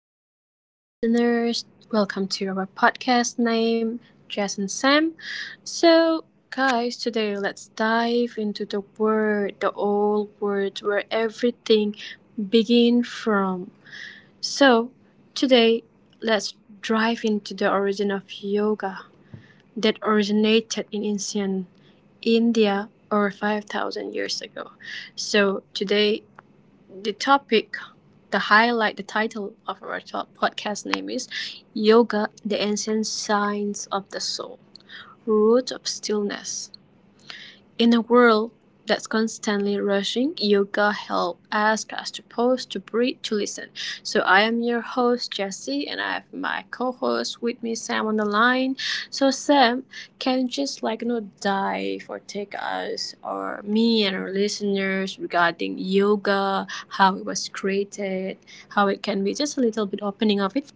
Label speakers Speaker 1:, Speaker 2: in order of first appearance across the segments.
Speaker 1: welcome back to our listeners. Welcome to our podcast name, Jess and Sam. So, guys, today let's dive into the word, the old word where everything begin from. So, today let's dive into the origin of yoga that originated in ancient India over 5,000 years ago. So, today the topic, the highlight, the title of our podcast name is Yoga, the Ancient Science of the Soul, Root of Stillness. In a world that's constantly rushing, yoga helps us to pause, to breathe, to listen. So I am your host Jesse, and I have my co-host with me Sam on the line. So Sam, can you just like dive or take us or me and our listeners regarding yoga, how it was created, how it can be, just a little bit opening of it.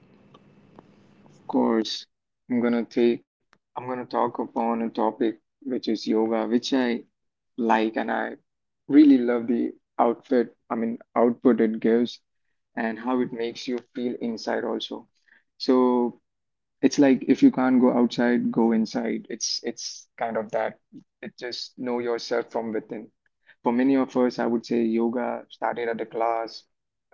Speaker 2: Course, I'm gonna take I'm gonna talk upon a topic which is yoga, which I like, and I really love the outfit, I mean, output it gives and how it makes you feel inside also. So it's like if you can't go outside, go inside. It's kind of that. It just know yourself from within. For many of us, I would say yoga started at a class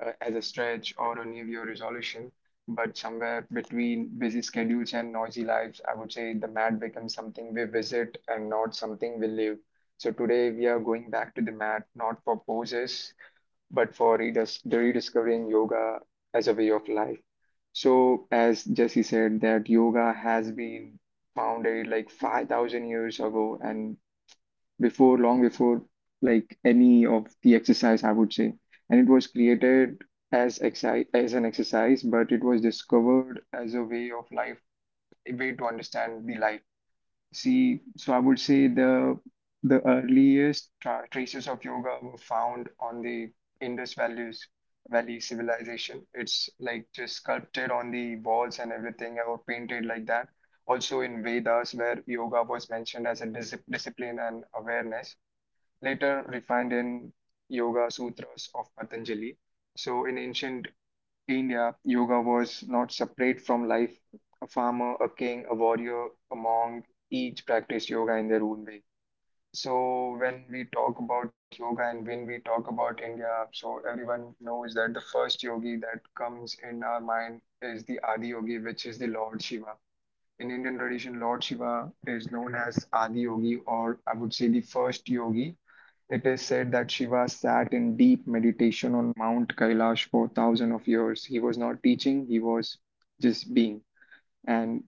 Speaker 2: as a stretch or a New Year resolution, but somewhere between busy schedules and noisy lives, I would say the mat becomes something we visit and not something we live. So today we are going back to the mat, not for poses, but for redis the rediscovering yoga as a way of life. So, as Jesse said, that yoga has been founded like 5,000 years ago and before, long before like any of the exercise, I would say. And it was created as an exercise, but it was discovered as a way of life, a way to understand the life. See, so I would say the earliest traces of yoga were found on the Indus Valley civilization. It's like just sculpted on the walls and everything, or painted like that. Also in Vedas, where yoga was mentioned as a discipline and awareness, later refined in Yoga Sutras of Patanjali. So in India, yoga was not separate from life. A farmer, a king, a warrior, a monk, each practiced yoga in their own way. So when we talk about yoga and when we talk about India, so everyone knows that the first yogi that comes in our mind is the Adi Yogi, which is the Lord Shiva. In Indian tradition, Lord Shiva is known as Adi Yogi, or I would say the first yogi. It is said that Shiva sat in deep meditation on Mount Kailash for thousands of years. He was not teaching, he was just being. And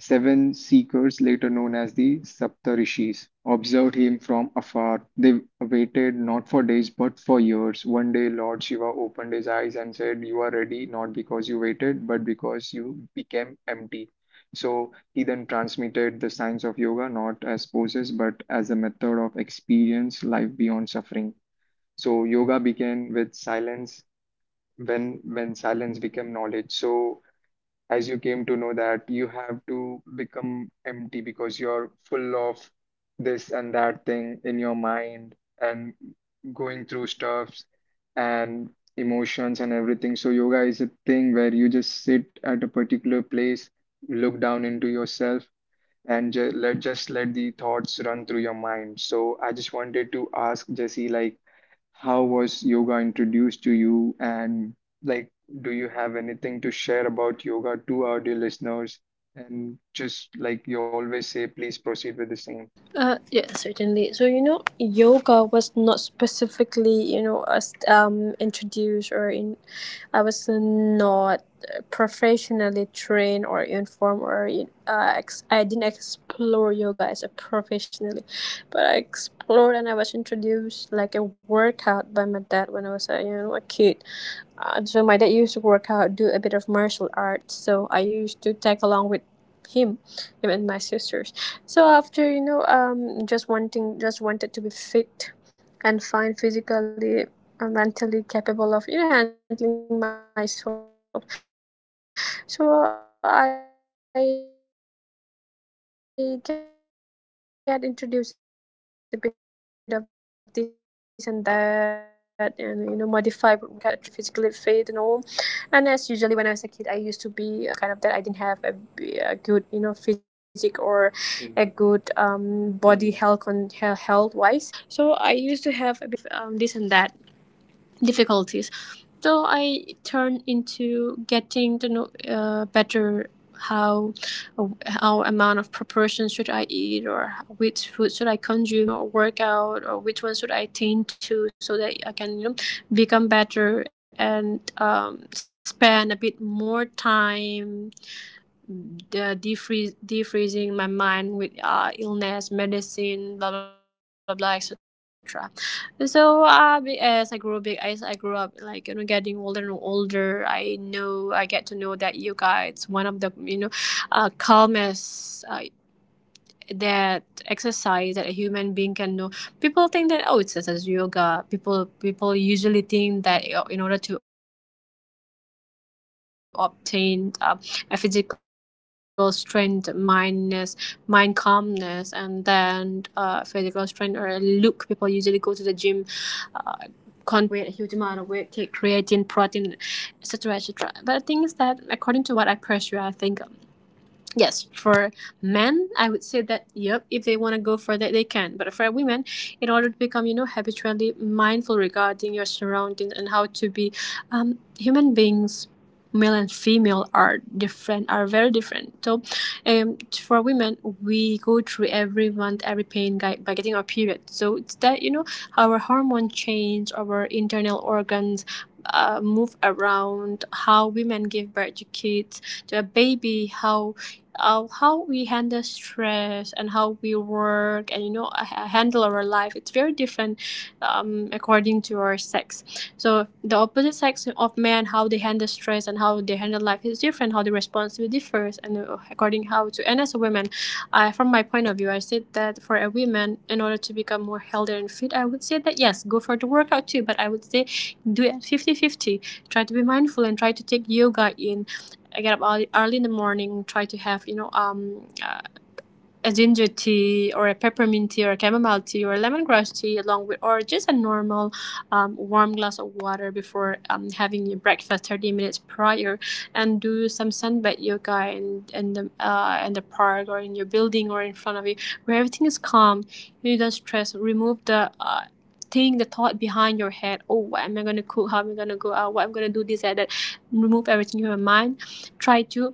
Speaker 2: seven seekers, later known as the Saptarishis, observed him from afar. They waited not for days but for years. One day, Lord Shiva opened his eyes and said, "You are ready, not because you waited, but because you became empty." So he then transmitted the science of yoga not as poses but as a method of experience life beyond suffering. So yoga began with silence, when silence became knowledge. So as you came to know that you have to become empty because you're full of this and that thing in your mind and going through stuffs and emotions and everything. So yoga is a thing where you just sit at a particular place, look down into yourself, and just let the thoughts run through your mind. So I just wanted to ask Jesse, like, how was yoga introduced to you? And, like, do you have anything to share about yoga to our dear listeners? And just like you always say, please proceed with the same.
Speaker 1: Yeah, certainly. So yoga was not specifically introduced or I was not professionally trained or informed or I didn't explore yoga as a professionally, but I explored and I was introduced like a workout by my dad when I was a a kid. So my dad used to work out, do a bit of martial arts. So I used to tag along with him, him, and my sisters. So after just wanted to be fit and fine physically, mentally capable of handling myself. So I get introduced a bit of this and that, and modify workout. I try to be physically fit and all. And as usually, when I was a kid, I used to be mostly ill all the time, kind of that. I didn't have a good physic or Mm. a good body health on health wise. So I used to have a bit of this and that difficulties. So I turned into getting to know better how how amount of proportions should I eat or which food should I consume to make myself a bit healthier. What should I do? How should I work out, or which one should I tend to so that I can become better and spend a bit more time defreezing my mind with illness, medicine, blah blah blah, etc. So as I grew big, as I grew up, getting older and older, I get to know that yoga, it's one of the calmest. That exercise that a human being can do. People think that oh, it's just as yoga. People usually think that you, in order to obtain a physical strength, mind calmness, and then physical strength or a look, people usually go to the gym. Uh, Contain or lift, yes, lift weight, a lot of weight, a huge amount of weight, take creatine, protein, etc., etc. But the thing is that according to what I pressure, I think. Yes, for men, I would say that yep, if they want to go for that they can. But for women, in order to become, habitually mindful regarding your surroundings and how to be, human beings, male and female are very different. So, for women, we go through every month, every pain guy, by getting our period. So it's that our hormone change, our internal organs. Move around, how women give birth to kids, the baby, how we handle stress and how we work and handle our life, it's very different, according to our sex. So the opposite sex of men, how they handle stress and how they handle life is different, how the responsibility differs. And according how to. And as a woman I, from my point of view I said that for a woman, in order to become more healthier and fit, I would say that yes, go for the workout too, but I would say do it 50-50. Try to be mindful and try to take yoga in. I get up early in the morning, try to have, a ginger tea or a peppermint tea or a chamomile tea or a lemongrass tea, along with, or just a normal warm glass of water before having your breakfast 30 minutes prior, and do some sunbed yoga in the park or in your building or in front of you where everything is calm. You don't stress, remove the thought behind your head, oh, what am I going to cook, how am I going to go out, what I'm going to do, this and that. Remove everything from your mind, try to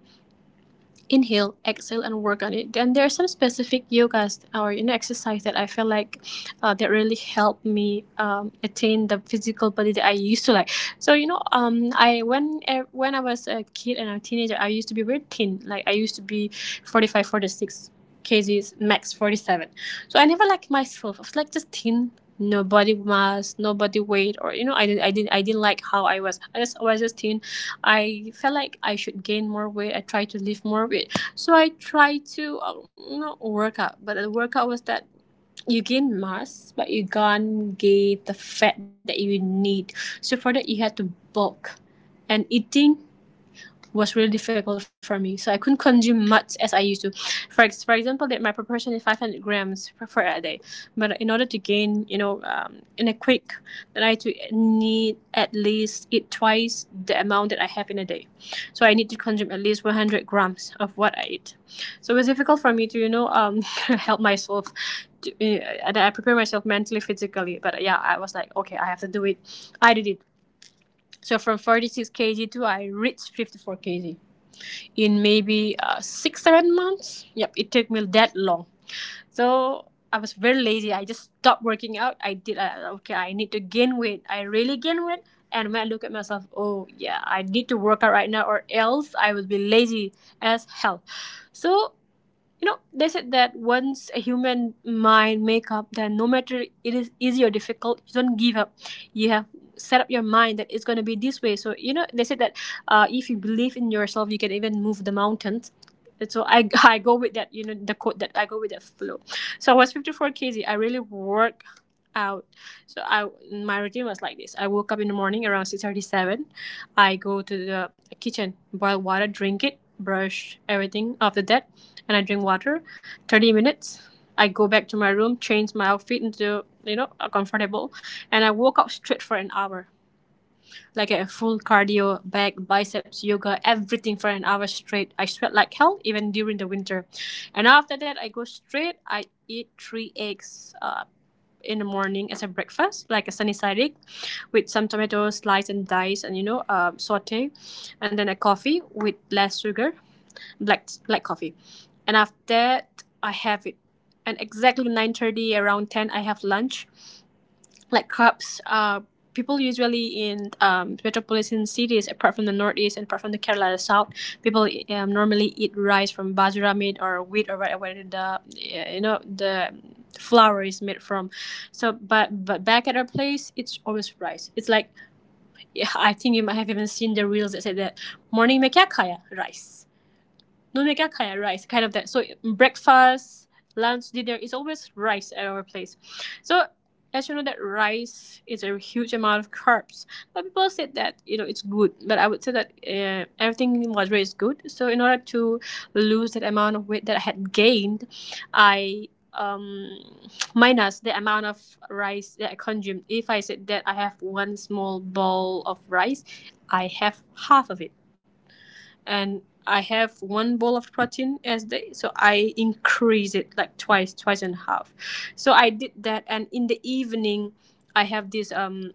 Speaker 1: inhale, exhale, and work on it. Then there are some specific yogas or exercise that I feel like that really helped me attain the physical body that I used to like. So when I was a kid and a teenager, I used to be very thin. Like I used to be 45, 46 kgs max 47, so I never liked myself. I was like just thin, no body mass, no body weight, or I didn't like how I was. I was just thin. I felt like I should gain more weight. I tried to lift more weight, so I tried to work out. But the workout was that you gain mass, but you can't get the fat that you need. So for that, you had to bulk, and eating was really difficult for me. So I couldn't consume much as I used to. For example, that my proportion is 500 grams per for a day. But in order to gain, in a quick, then I to need at least eat twice the amount that I have in a day. So I need to consume at least 100 grams of what I eat. So it was difficult for me to, help myself. And I prepare myself mentally, physically. But yeah, I was like, okay, I have to do it. I did it. So from 46 kg to I reached 54 kg in maybe six, 7 months. Yep, it took me that long. So I was very lazy. I just stopped working out. I did, okay, I need to gain weight. I really gain weight. And when I look at myself, oh yeah, I need to work out right now or else I will be lazy as hell. So they said that once a human mind make up, then no matter it is easy or difficult, you don't give up, you have set up your mind that it's going to be this way. So they said that if you believe in yourself, you can even move the mountains. And so I, I go with that, the quote that I go with that flow. So I was 54 kg, I really work out. So I my routine was like this. I woke up in the morning around 6:37. I go to the kitchen, boil water, drink it, brush everything after that, and I drink water 30 minutes. I go back to my room, change my outfit into, a comfortable, and I walk out straight for an hour. Like a full cardio, back, biceps, yoga, everything for an hour straight. I sweat like hell even during the winter. And after that, I go straight. I eat three eggs, in the morning as a breakfast, like a sunny side egg with some tomatoes sliced and diced and, saute. And then a coffee with less sugar, black coffee. And after that, I have it. And exactly 9:30, around 10, I have lunch like clubs people usually in metropolitan cities apart from the northeast, and apart from the Kerala south, people normally eat rice from bajra made or wheat, or whatever the the flour is made from. So but back at our place it's always rice. It's like, yeah, I think you might have even seen the reels that said that morning mekyakaya rice. Domenica kind of rice, kind of that. So breakfast, lunch, dinner is always rice at our place. So as that rice is a huge amount of carbs, but people said that it's good. But I would say that everything in moderate is good. So in order to lose that amount of weight that I had gained, I minus the amount of rice that I consumed. If I said that I have one small bowl of rice, I have half of it and I have one bowl of protein as day, so I increase it like twice, twice and a half. So I did that, and in the evening, I have this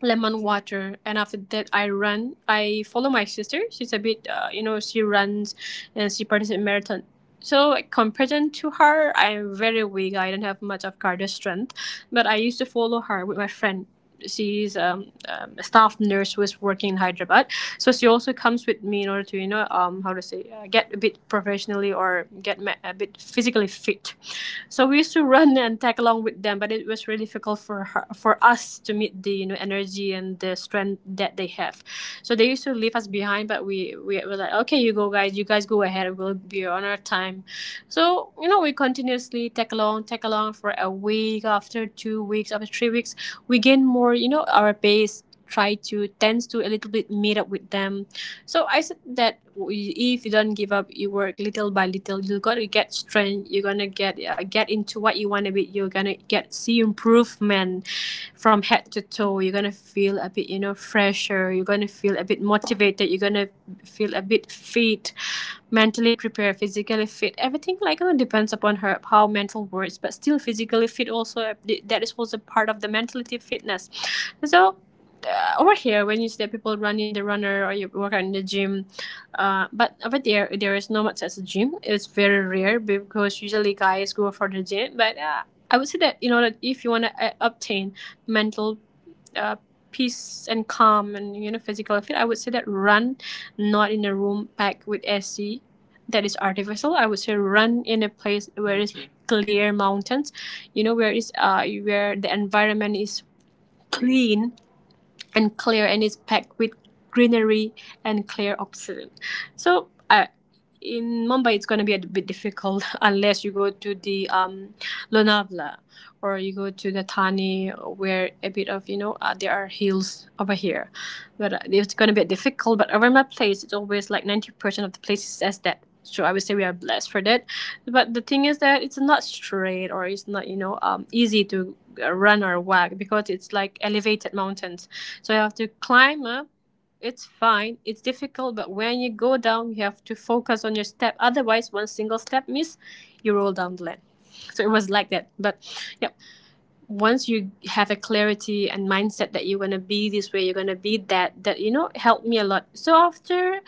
Speaker 1: lemon water. And after that, I run, I follow my sister. She's a bit, she runs and she participates in marathon. So like, compared to her, I'm very weak. I don't have much of cardio strength, but I used to follow her with my friend. She's a staff nurse who is working in Hyderabad, so she also comes with me in order to, how to say, get a bit professionally or get a bit physically fit. So we used to run and tag along with them, but it was really difficult for her, for us to meet the energy and the strength that they have. So they used to leave us behind, but we were like, okay, you guys go ahead, we'll be on our time. So, we continuously tag along for a week, after 2 weeks, after 3 weeks, we gain more, our base try to tends to a little bit meet up with them. So I said that, if you don't give up, you work little by little, you're gonna get strength, you're gonna get into what you want to be, you're gonna get see improvement from head to toe, you're gonna feel a bit, fresher, you're gonna feel a bit motivated, you're gonna feel a bit fit, mentally prepared, physically fit. Everything like, depends upon her how mental works, but still physically fit also, that is also part of the mentality fitness. So, over here when you see that people run in the runner or you work out in the gym, but over there is no much as a gym. It's very rare because usually guys go for the gym, but I would say that in order if you want to obtain mental, uh, peace and calm and physical fit, I would say that run, not in a room packed with AC that is artificial. I would say run in a place where it's okay, clear mountains, where the environment is clean and clear and is packed with greenery and clear oxygen. So, in Mumbai, it's going to be a bit difficult unless you go to the Lonavala or you go to the Thane, where a bit of, there are hills over here. But it's going to be difficult. But over my place, it's always like 90% of the places as that. So I would say we are blessed for that. But the thing is that it's not straight or it's not, easy to, run or walk because it's like elevated mountains, so you have to climb up. It's fine. It's difficult, but when you go down, you have to focus on your step. Otherwise, one single step miss, you roll down the land. So it was like that. But yeah, once you have a clarity and mindset that you're going to be this way, you're going to be that that, helped me a lot. So after,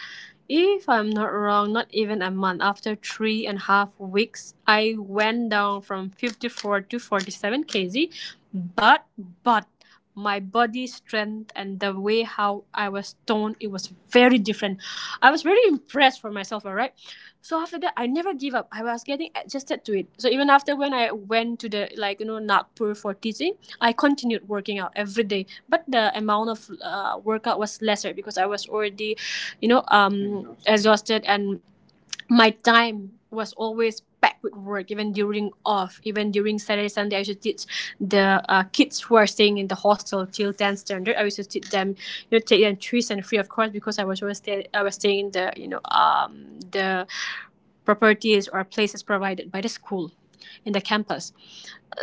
Speaker 1: if I'm not wrong, not even a month, after 3.5 weeks, I went down from 54 to 47 kg. But but my body strength and the way how I was toned, it was very different. I was very impressed for myself. All right. So after that, I never give up. I was getting adjusted to it. So even after when I went to the, Nagpur for teaching, I continued working out every day, but the amount of workout was lesser because I was already, exhausted, and my time was always packed with work, even during off, even during Saturday, Sunday. I used to teach the kids who are staying in the hostel till 10 standard. I used to teach them, take them tuition, free of course, because I was always I was staying in the, the properties or places provided by the school in the campus.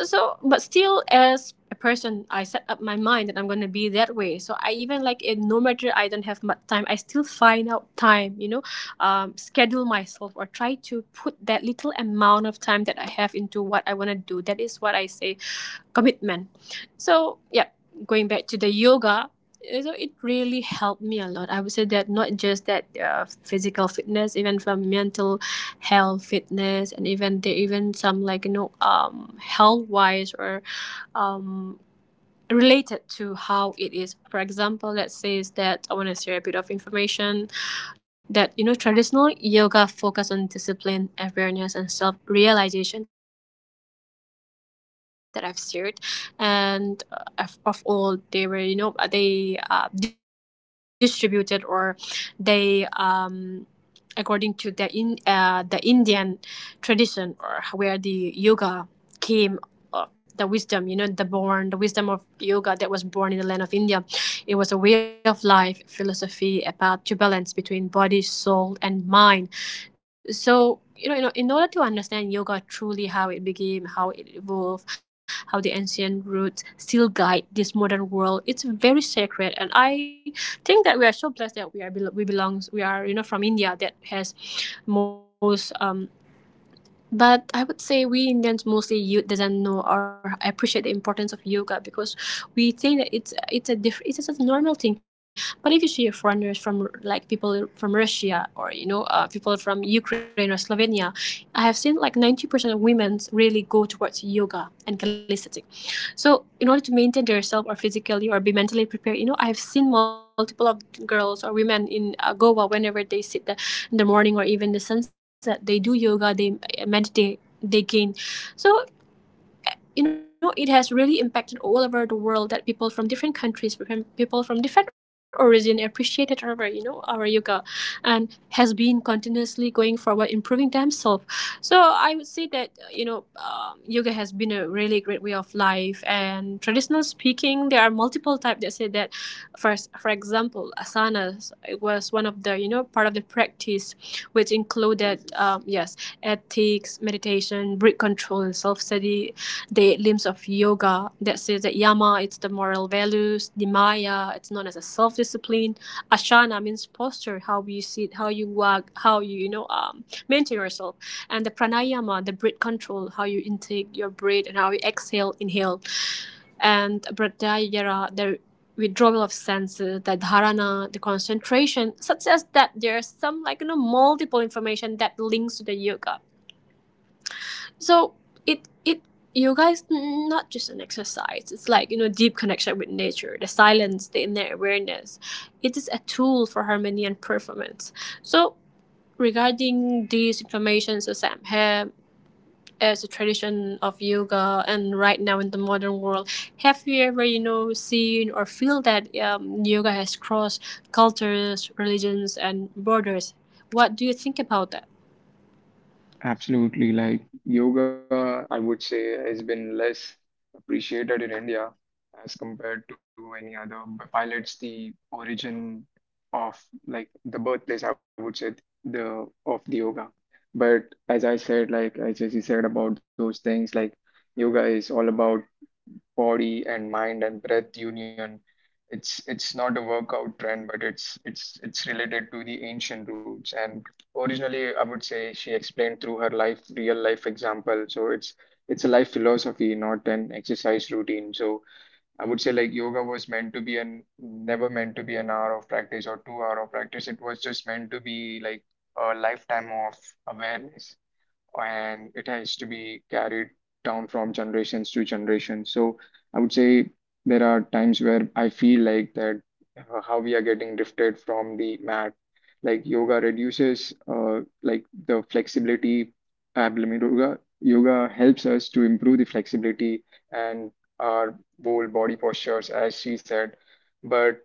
Speaker 1: So, but still, as a person, I set up my mind that I'm going to be that way. So I even like it, no matter I don't have much time, I still find out time, schedule myself or try to put that little amount of time that I have into what I want to do. That is what I say commitment. So, yeah, going back to the yoga. So it really helped me a lot. I would say that not just that physical fitness, even from mental health, fitness, and even there, even some, health wise or um related to how it is. For example, let's say is that I want to share a bit of information that, traditional yoga focus on discipline, awareness, and self realization that I've shared, and of all they were, they distributed or they according to the, in the Indian tradition, or where the yoga came, the wisdom, the wisdom of yoga that was born in the land of India, it was a way of life, philosophy about to balance between body, soul, and mind. So, in order to understand yoga truly, how it became, how it evolved, how the ancient roots still guide this modern world, it's very sacred. And I think that we are so blessed that we are bel- we belongs we are you know from India that has most but I would say we Indians, mostly youth, doesn't know or appreciate the importance of yoga because we think that it's just a normal thing. But if you see foreigners from like people from Russia or, people from Ukraine or Slovenia, I have seen like 90% of women really go towards yoga and calisthenics. So in order to maintain themselves or physically or be mentally prepared, you know, I've seen multiple of girls or women in, Goa, whenever they sit in the morning or even the sunset, they do yoga, they meditate, they gain. So, it has really impacted all over the world that people from different countries from people from different origin appreciated our our yoga and has been continuously going forward improving themselves. So I would say that, yoga has been a really great way of life. And traditional speaking, there are multiple types that say that, for for example, asana was one of the, part of the practice, which included yes ethics, meditation, breath control, and self study. The limbs of yoga that says that yama it's the moral values, nimaya it's known as a self discipline, asana means posture, how you sit, how you walk, how you, you know maintain yourself, and the pranayama the breath control, how you intake your breath and how you exhale, inhale, and Bhattacharya, the withdrawal of senses, the dharana, the concentration, suggests that there's some, multiple information that links to the yoga. So it yoga is not just an exercise. It's like, deep connection with nature, the silence, the inner awareness. It is a tool for harmony and performance. So regarding these information, so Sam have as a tradition of yoga, and right now in the modern world, have you ever, seen or feel that yoga has crossed cultures, religions, and borders? What do you think about that?
Speaker 2: Absolutely. Like yoga, I would say, has been less appreciated in India as compared to any other, while it's the origin, of like the birthplace, I would say, the of the yoga. But as I said, like as Jesse said about those things, like yoga is all about body and mind and breath union. It's not a workout trend, but it's related to the ancient roots. And originally, I would say she explained through her life, real life example. So it's a life philosophy, not an exercise routine. So I would say like yoga was meant to be an never meant to be an hour of practice or 2 hour of practice. It was just meant to be like a lifetime of awareness, and it has to be carried down from generations to generations. So I would say there are times where I feel like that, how we are getting drifted from the mat. Like yoga reduces, like, the flexibility. Abdomen, yoga helps us to improve the flexibility and our whole body postures, as she said. But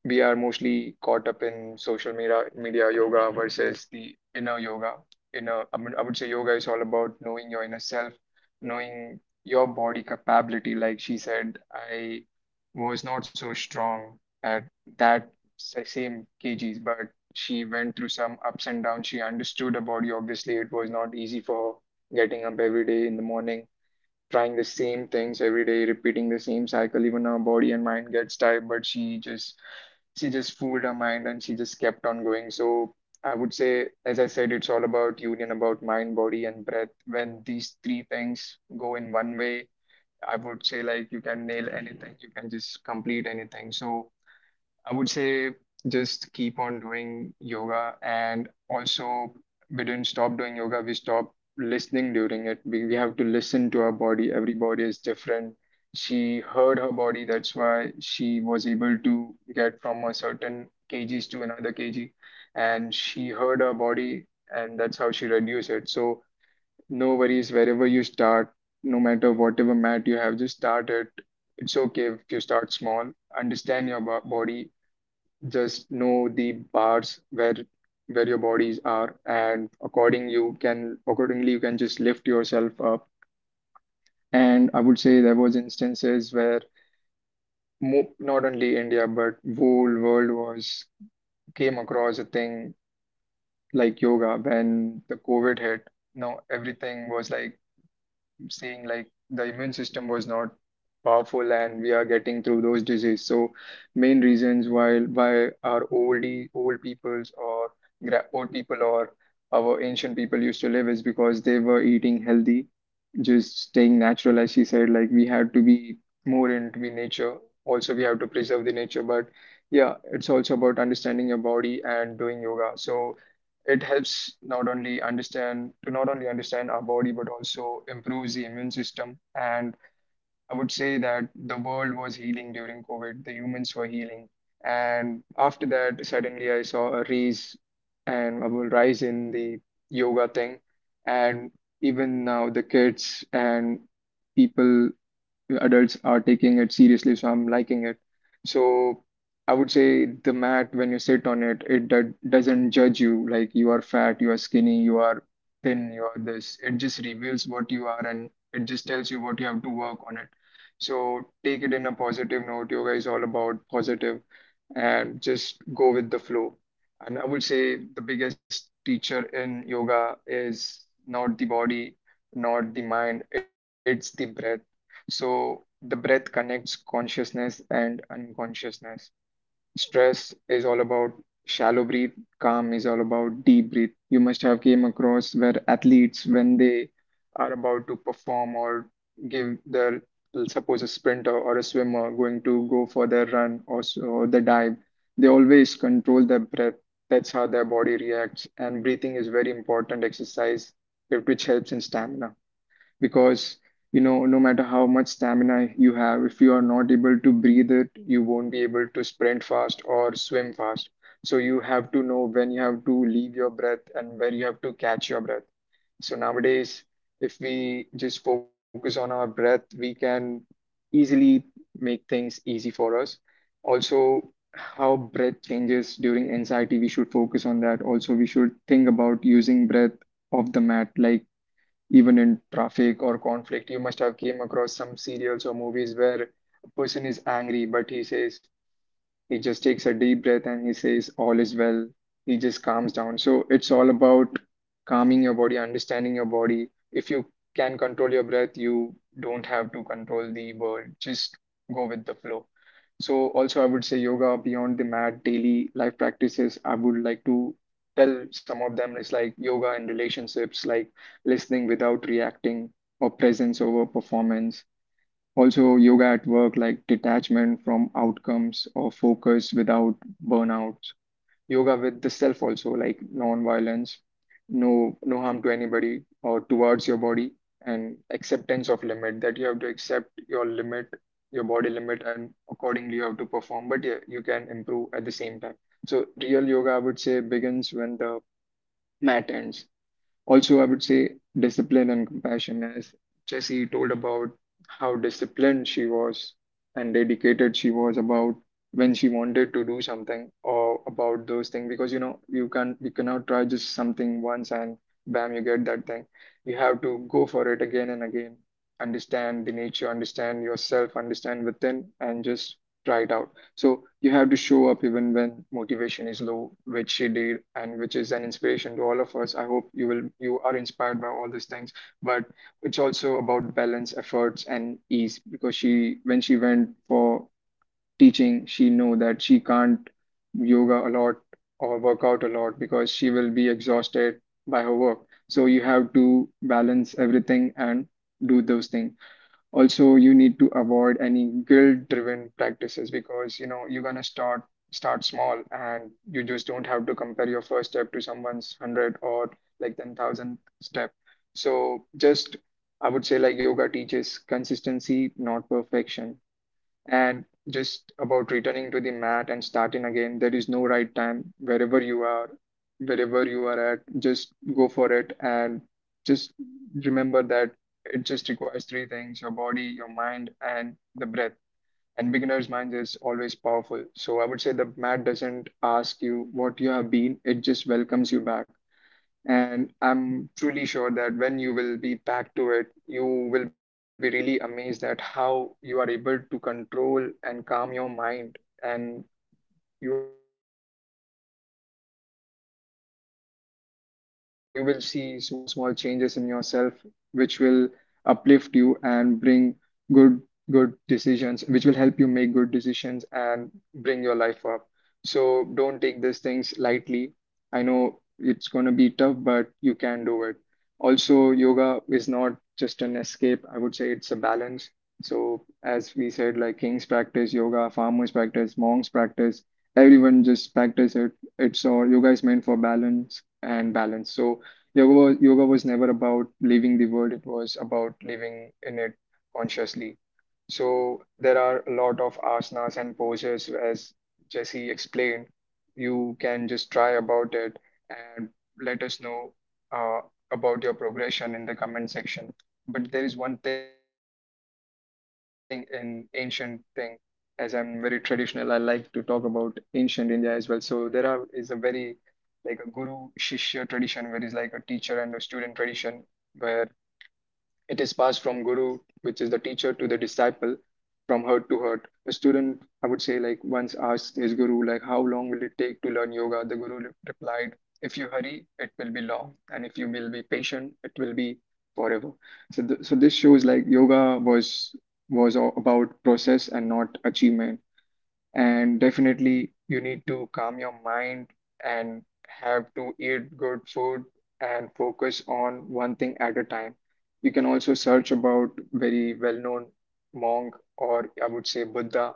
Speaker 2: we are mostly caught up in social media yoga versus the inner yoga, I mean, I would say yoga is all about knowing your inner self, knowing your body capability. Like she said, I was not so strong at that same kgs, but she went through some ups and downs. She understood her body. Obviously, it was not easy for her getting up every day in the morning, trying the same things every day, repeating the same cycle. Even her body and mind gets tired, but she just fooled her mind and she just kept on going. So I would say, as I said, it's all about union, about mind, body, and breath. When these three things go in one way, I would say like you can nail anything, you can just complete anything. So I would say just keep on doing yoga. And also, we didn't stop doing yoga, we stopped listening during it. We have to listen to our body. Every body is different. She heard her body, that's why she was able to get from a certain kgs to another kg. And she heard her body, and that's how she reduced it. So no worries wherever you start, no matter whatever mat you have, just start it. It's okay if you start small. Understand your body, just know the bars where your bodies are, and accordingly you can just lift yourself up. And I would say there was instances where mo not only India but whole world was came across a thing like yoga when the COVID hit. Now everything was like saying like the immune system was not powerful, and we are getting through those diseases. So main reasons why our old peoples, or old people, or our ancient people used to live is because they were eating healthy, just staying natural, as she said. Like we had to be more into the nature. Also, we have to preserve the nature. But yeah, it's also about understanding your body and doing yoga. So it helps not only understand our body but also improves the immune system. And I would say that the world was healing during COVID. The humans were healing, and after that, suddenly I saw a rise and a rise in the yoga thing, and even now the kids and people, adults, are taking it seriously, so I'm liking it. So I would say the mat, when you sit on it, it do doesn't judge you like you are fat, you are skinny, you are thin, you are this. It just reveals what you are, and it just tells you what you have to work on it. So take it in a positive note. Yoga is all about positive and just go with the flow. And I would say the biggest teacher in yoga is not the body, not the mind, it's the breath. So the breath connects consciousness and unconsciousness. Stress is all about shallow breath, calm is all about deep breath. You must have came across where athletes, when they are about to perform or give their, suppose a sprinter or a swimmer going to go for their run, or, so, or the dive, they always control their breath. That's how their body reacts. And breathing is very important exercise, which helps in stamina, because no matter how much stamina you have, if you are not able to breathe it, you won't be able to sprint fast or swim fast. So you have to know when you have to leave your breath and where you have to catch your breath. So nowadays, if we just focus on our breath, we can easily make things easy for us. Also, how breath changes during anxiety, we should focus on that. Also, we should think about using breath off the mat, like even in traffic or conflict. You must have came across some serials or movies where a person is angry, but he says, he just takes a deep breath and he says, "All is well." He just calms down. So it's all about calming your body, understanding your body. If you can control your breath, you don't have to control the world. Just go with the flow. So, also, I would say yoga beyond the mat, daily life practices. I would like to tell some of them is like yoga in relationships, like listening without reacting, or presence over performance; also, yoga at work, like detachment from outcomes or focus without burnouts; yoga with the self, also like non-violence, no harm to anybody or towards your body, and acceptance of limit. That you have to accept your limit, your body limit, and accordingly you have to perform. But yeah, you can improve at the same time. So real yoga, I would say, begins when the mat ends. Also, I would say discipline and compassion, as Jessie told about how disciplined she was and dedicated she was about when she wanted to do something or about those things. Because you know, you cannot try just something once and bam, you get that thing. You have to go for it again and again, understand the nature, understand yourself, understand within, and just try it out. So you have to show up even when motivation is low, which she did, and which is an inspiration to all of us. I hope you are inspired by all these things. But it's also about balance, efforts, and ease, because she when she went for teaching, she know that she can't yoga a lot or work out a lot because she will be exhausted by her work. So you have to balance everything and do those things. Also, you need to avoid any guilt driven practices, because you know, you're gonna start small and you just don't have to compare your first step to someone's 100 or like 10,000 step. So just, I would say, like yoga teaches consistency, not perfection, and just about returning to the mat and starting again. There is no right time. Wherever you are at, just go for it, and just remember that it just requires three things: your body, your mind, and the breath. And beginner's mind is always powerful. So I would say the mat doesn't ask you what you have been, it just welcomes you back. And I'm truly sure that when you will be back to it, you will be really amazed at how you are able to control and calm your mind, and you are at a place where your mind is not controlling you, you are controlling your mind. So you will see small changes in yourself which will uplift you and bring good good decisions, which will help you make good decisions and bring your life up. So don't take these things lightly. I know it's going to be tough, but you can do it. Also, yoga is not just an escape, I would say it's a balance. So, as we said, like kings practice yoga, farmers practice, monks practice, everyone just practice it. It's all, yoga is meant for balance and balance. So, yoga was never about leaving the world, it was about living in it consciously. So, there are a lot of asanas and poses, as Jesse explained. You can just try about it and let us know uh, about your progression in the comment section. But there is one thing in ancient thing, as I'm very traditional, I like to talk about ancient India as well. So there are is a very like a guru shishya tradition, where is like a teacher and a student tradition, where it is passed from guru, which is the teacher, to the disciple from hurt to hurt. A student, I would say, like once asked his guru, like, how long will it take to learn yoga? The guru replied, if you hurry, it will be long, and if you will be patient, it will be forever. So, this shows like yoga was was about process and not achievement. And definitely, you need to calm your mind and have to eat good food and focus on one thing at a time. You can also search about very well-known monk, or I would say Buddha,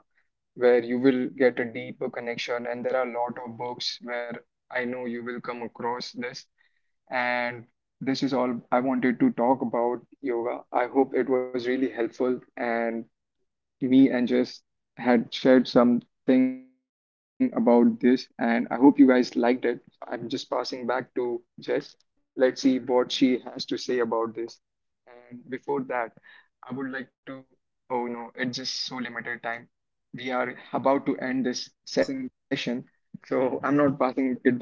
Speaker 2: where you will get a deeper connection. And there are a lot of books where I know you will come across this. And this is all I wanted to talk about yoga. I hope it was really helpful, and we and Jess had shared something about this, and I hope you guys liked it. I'm just passing back to Jess. Let's see what she has to say about this. And before that, I would like to. Oh no, it's just so limited time. We are about to end this session, so I'm not passing it back to you, Jess.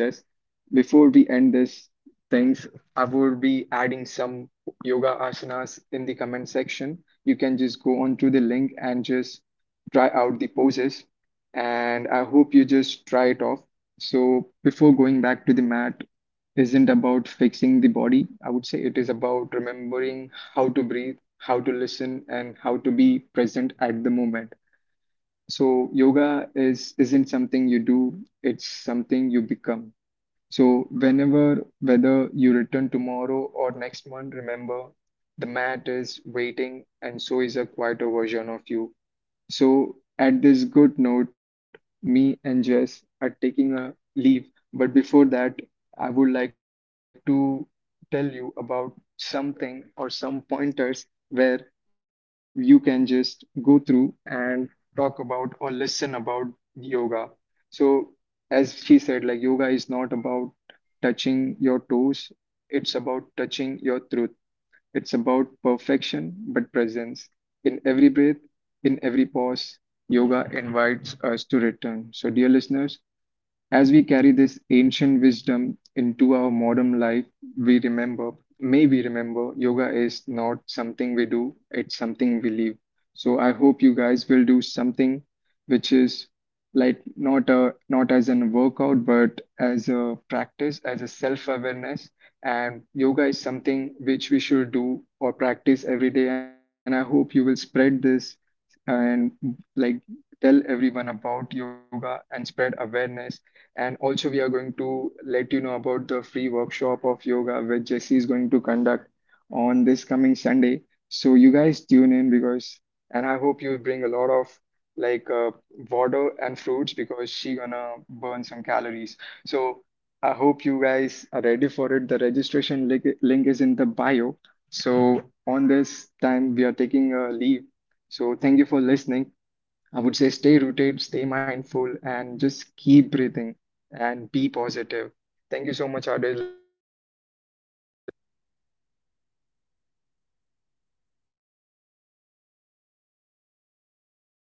Speaker 2: Before we end this things, I will be adding some yoga asanas in the comment section. You can just go on to the link and just try out the poses. And I hope you just try it off. So before going back to, the mat isn't about fixing the body. I would say it is about remembering how to breathe, how to listen, and how to be present at the moment. So yoga is isn't something you do, it's something you become. So, whenever, whether you return tomorrow or next month, remember the mat is waiting, and so is a quieter version of you. So at this good note, me and Jess are taking a leave. But before that, I would like to tell you about something or some pointers where you can just go through and talk about or listen about yoga. So as she said, like yoga is not about touching your toes, it's about touching your truth. It's about perfection, but presence. In every breath, in every pause, yoga invites us to return. So, dear listeners, as we carry this ancient wisdom into our modern life, we remember, may we remember, yoga is not something we do, it's something we live. So I hope you guys will do something which is like not a not as an workout, but as a practice, as a self awareness. And yoga is something which we should do or practice every day, and I hope you will spread this and like tell everyone about yoga and spread awareness. And also, we are going to let you know about the free workshop of yoga which Jesse is going to conduct on this coming Sunday. So you guys tune in, because, and I hope you bring a lot of like water and fruits, because she gonna burn some calories. So I hope you guys are ready for it. The registration link is in the bio. So on this time, we are taking a leave. So, thank you for listening. I would say stay rooted, stay mindful, and just keep breathing and be positive. Thank you so much, our dear listeners.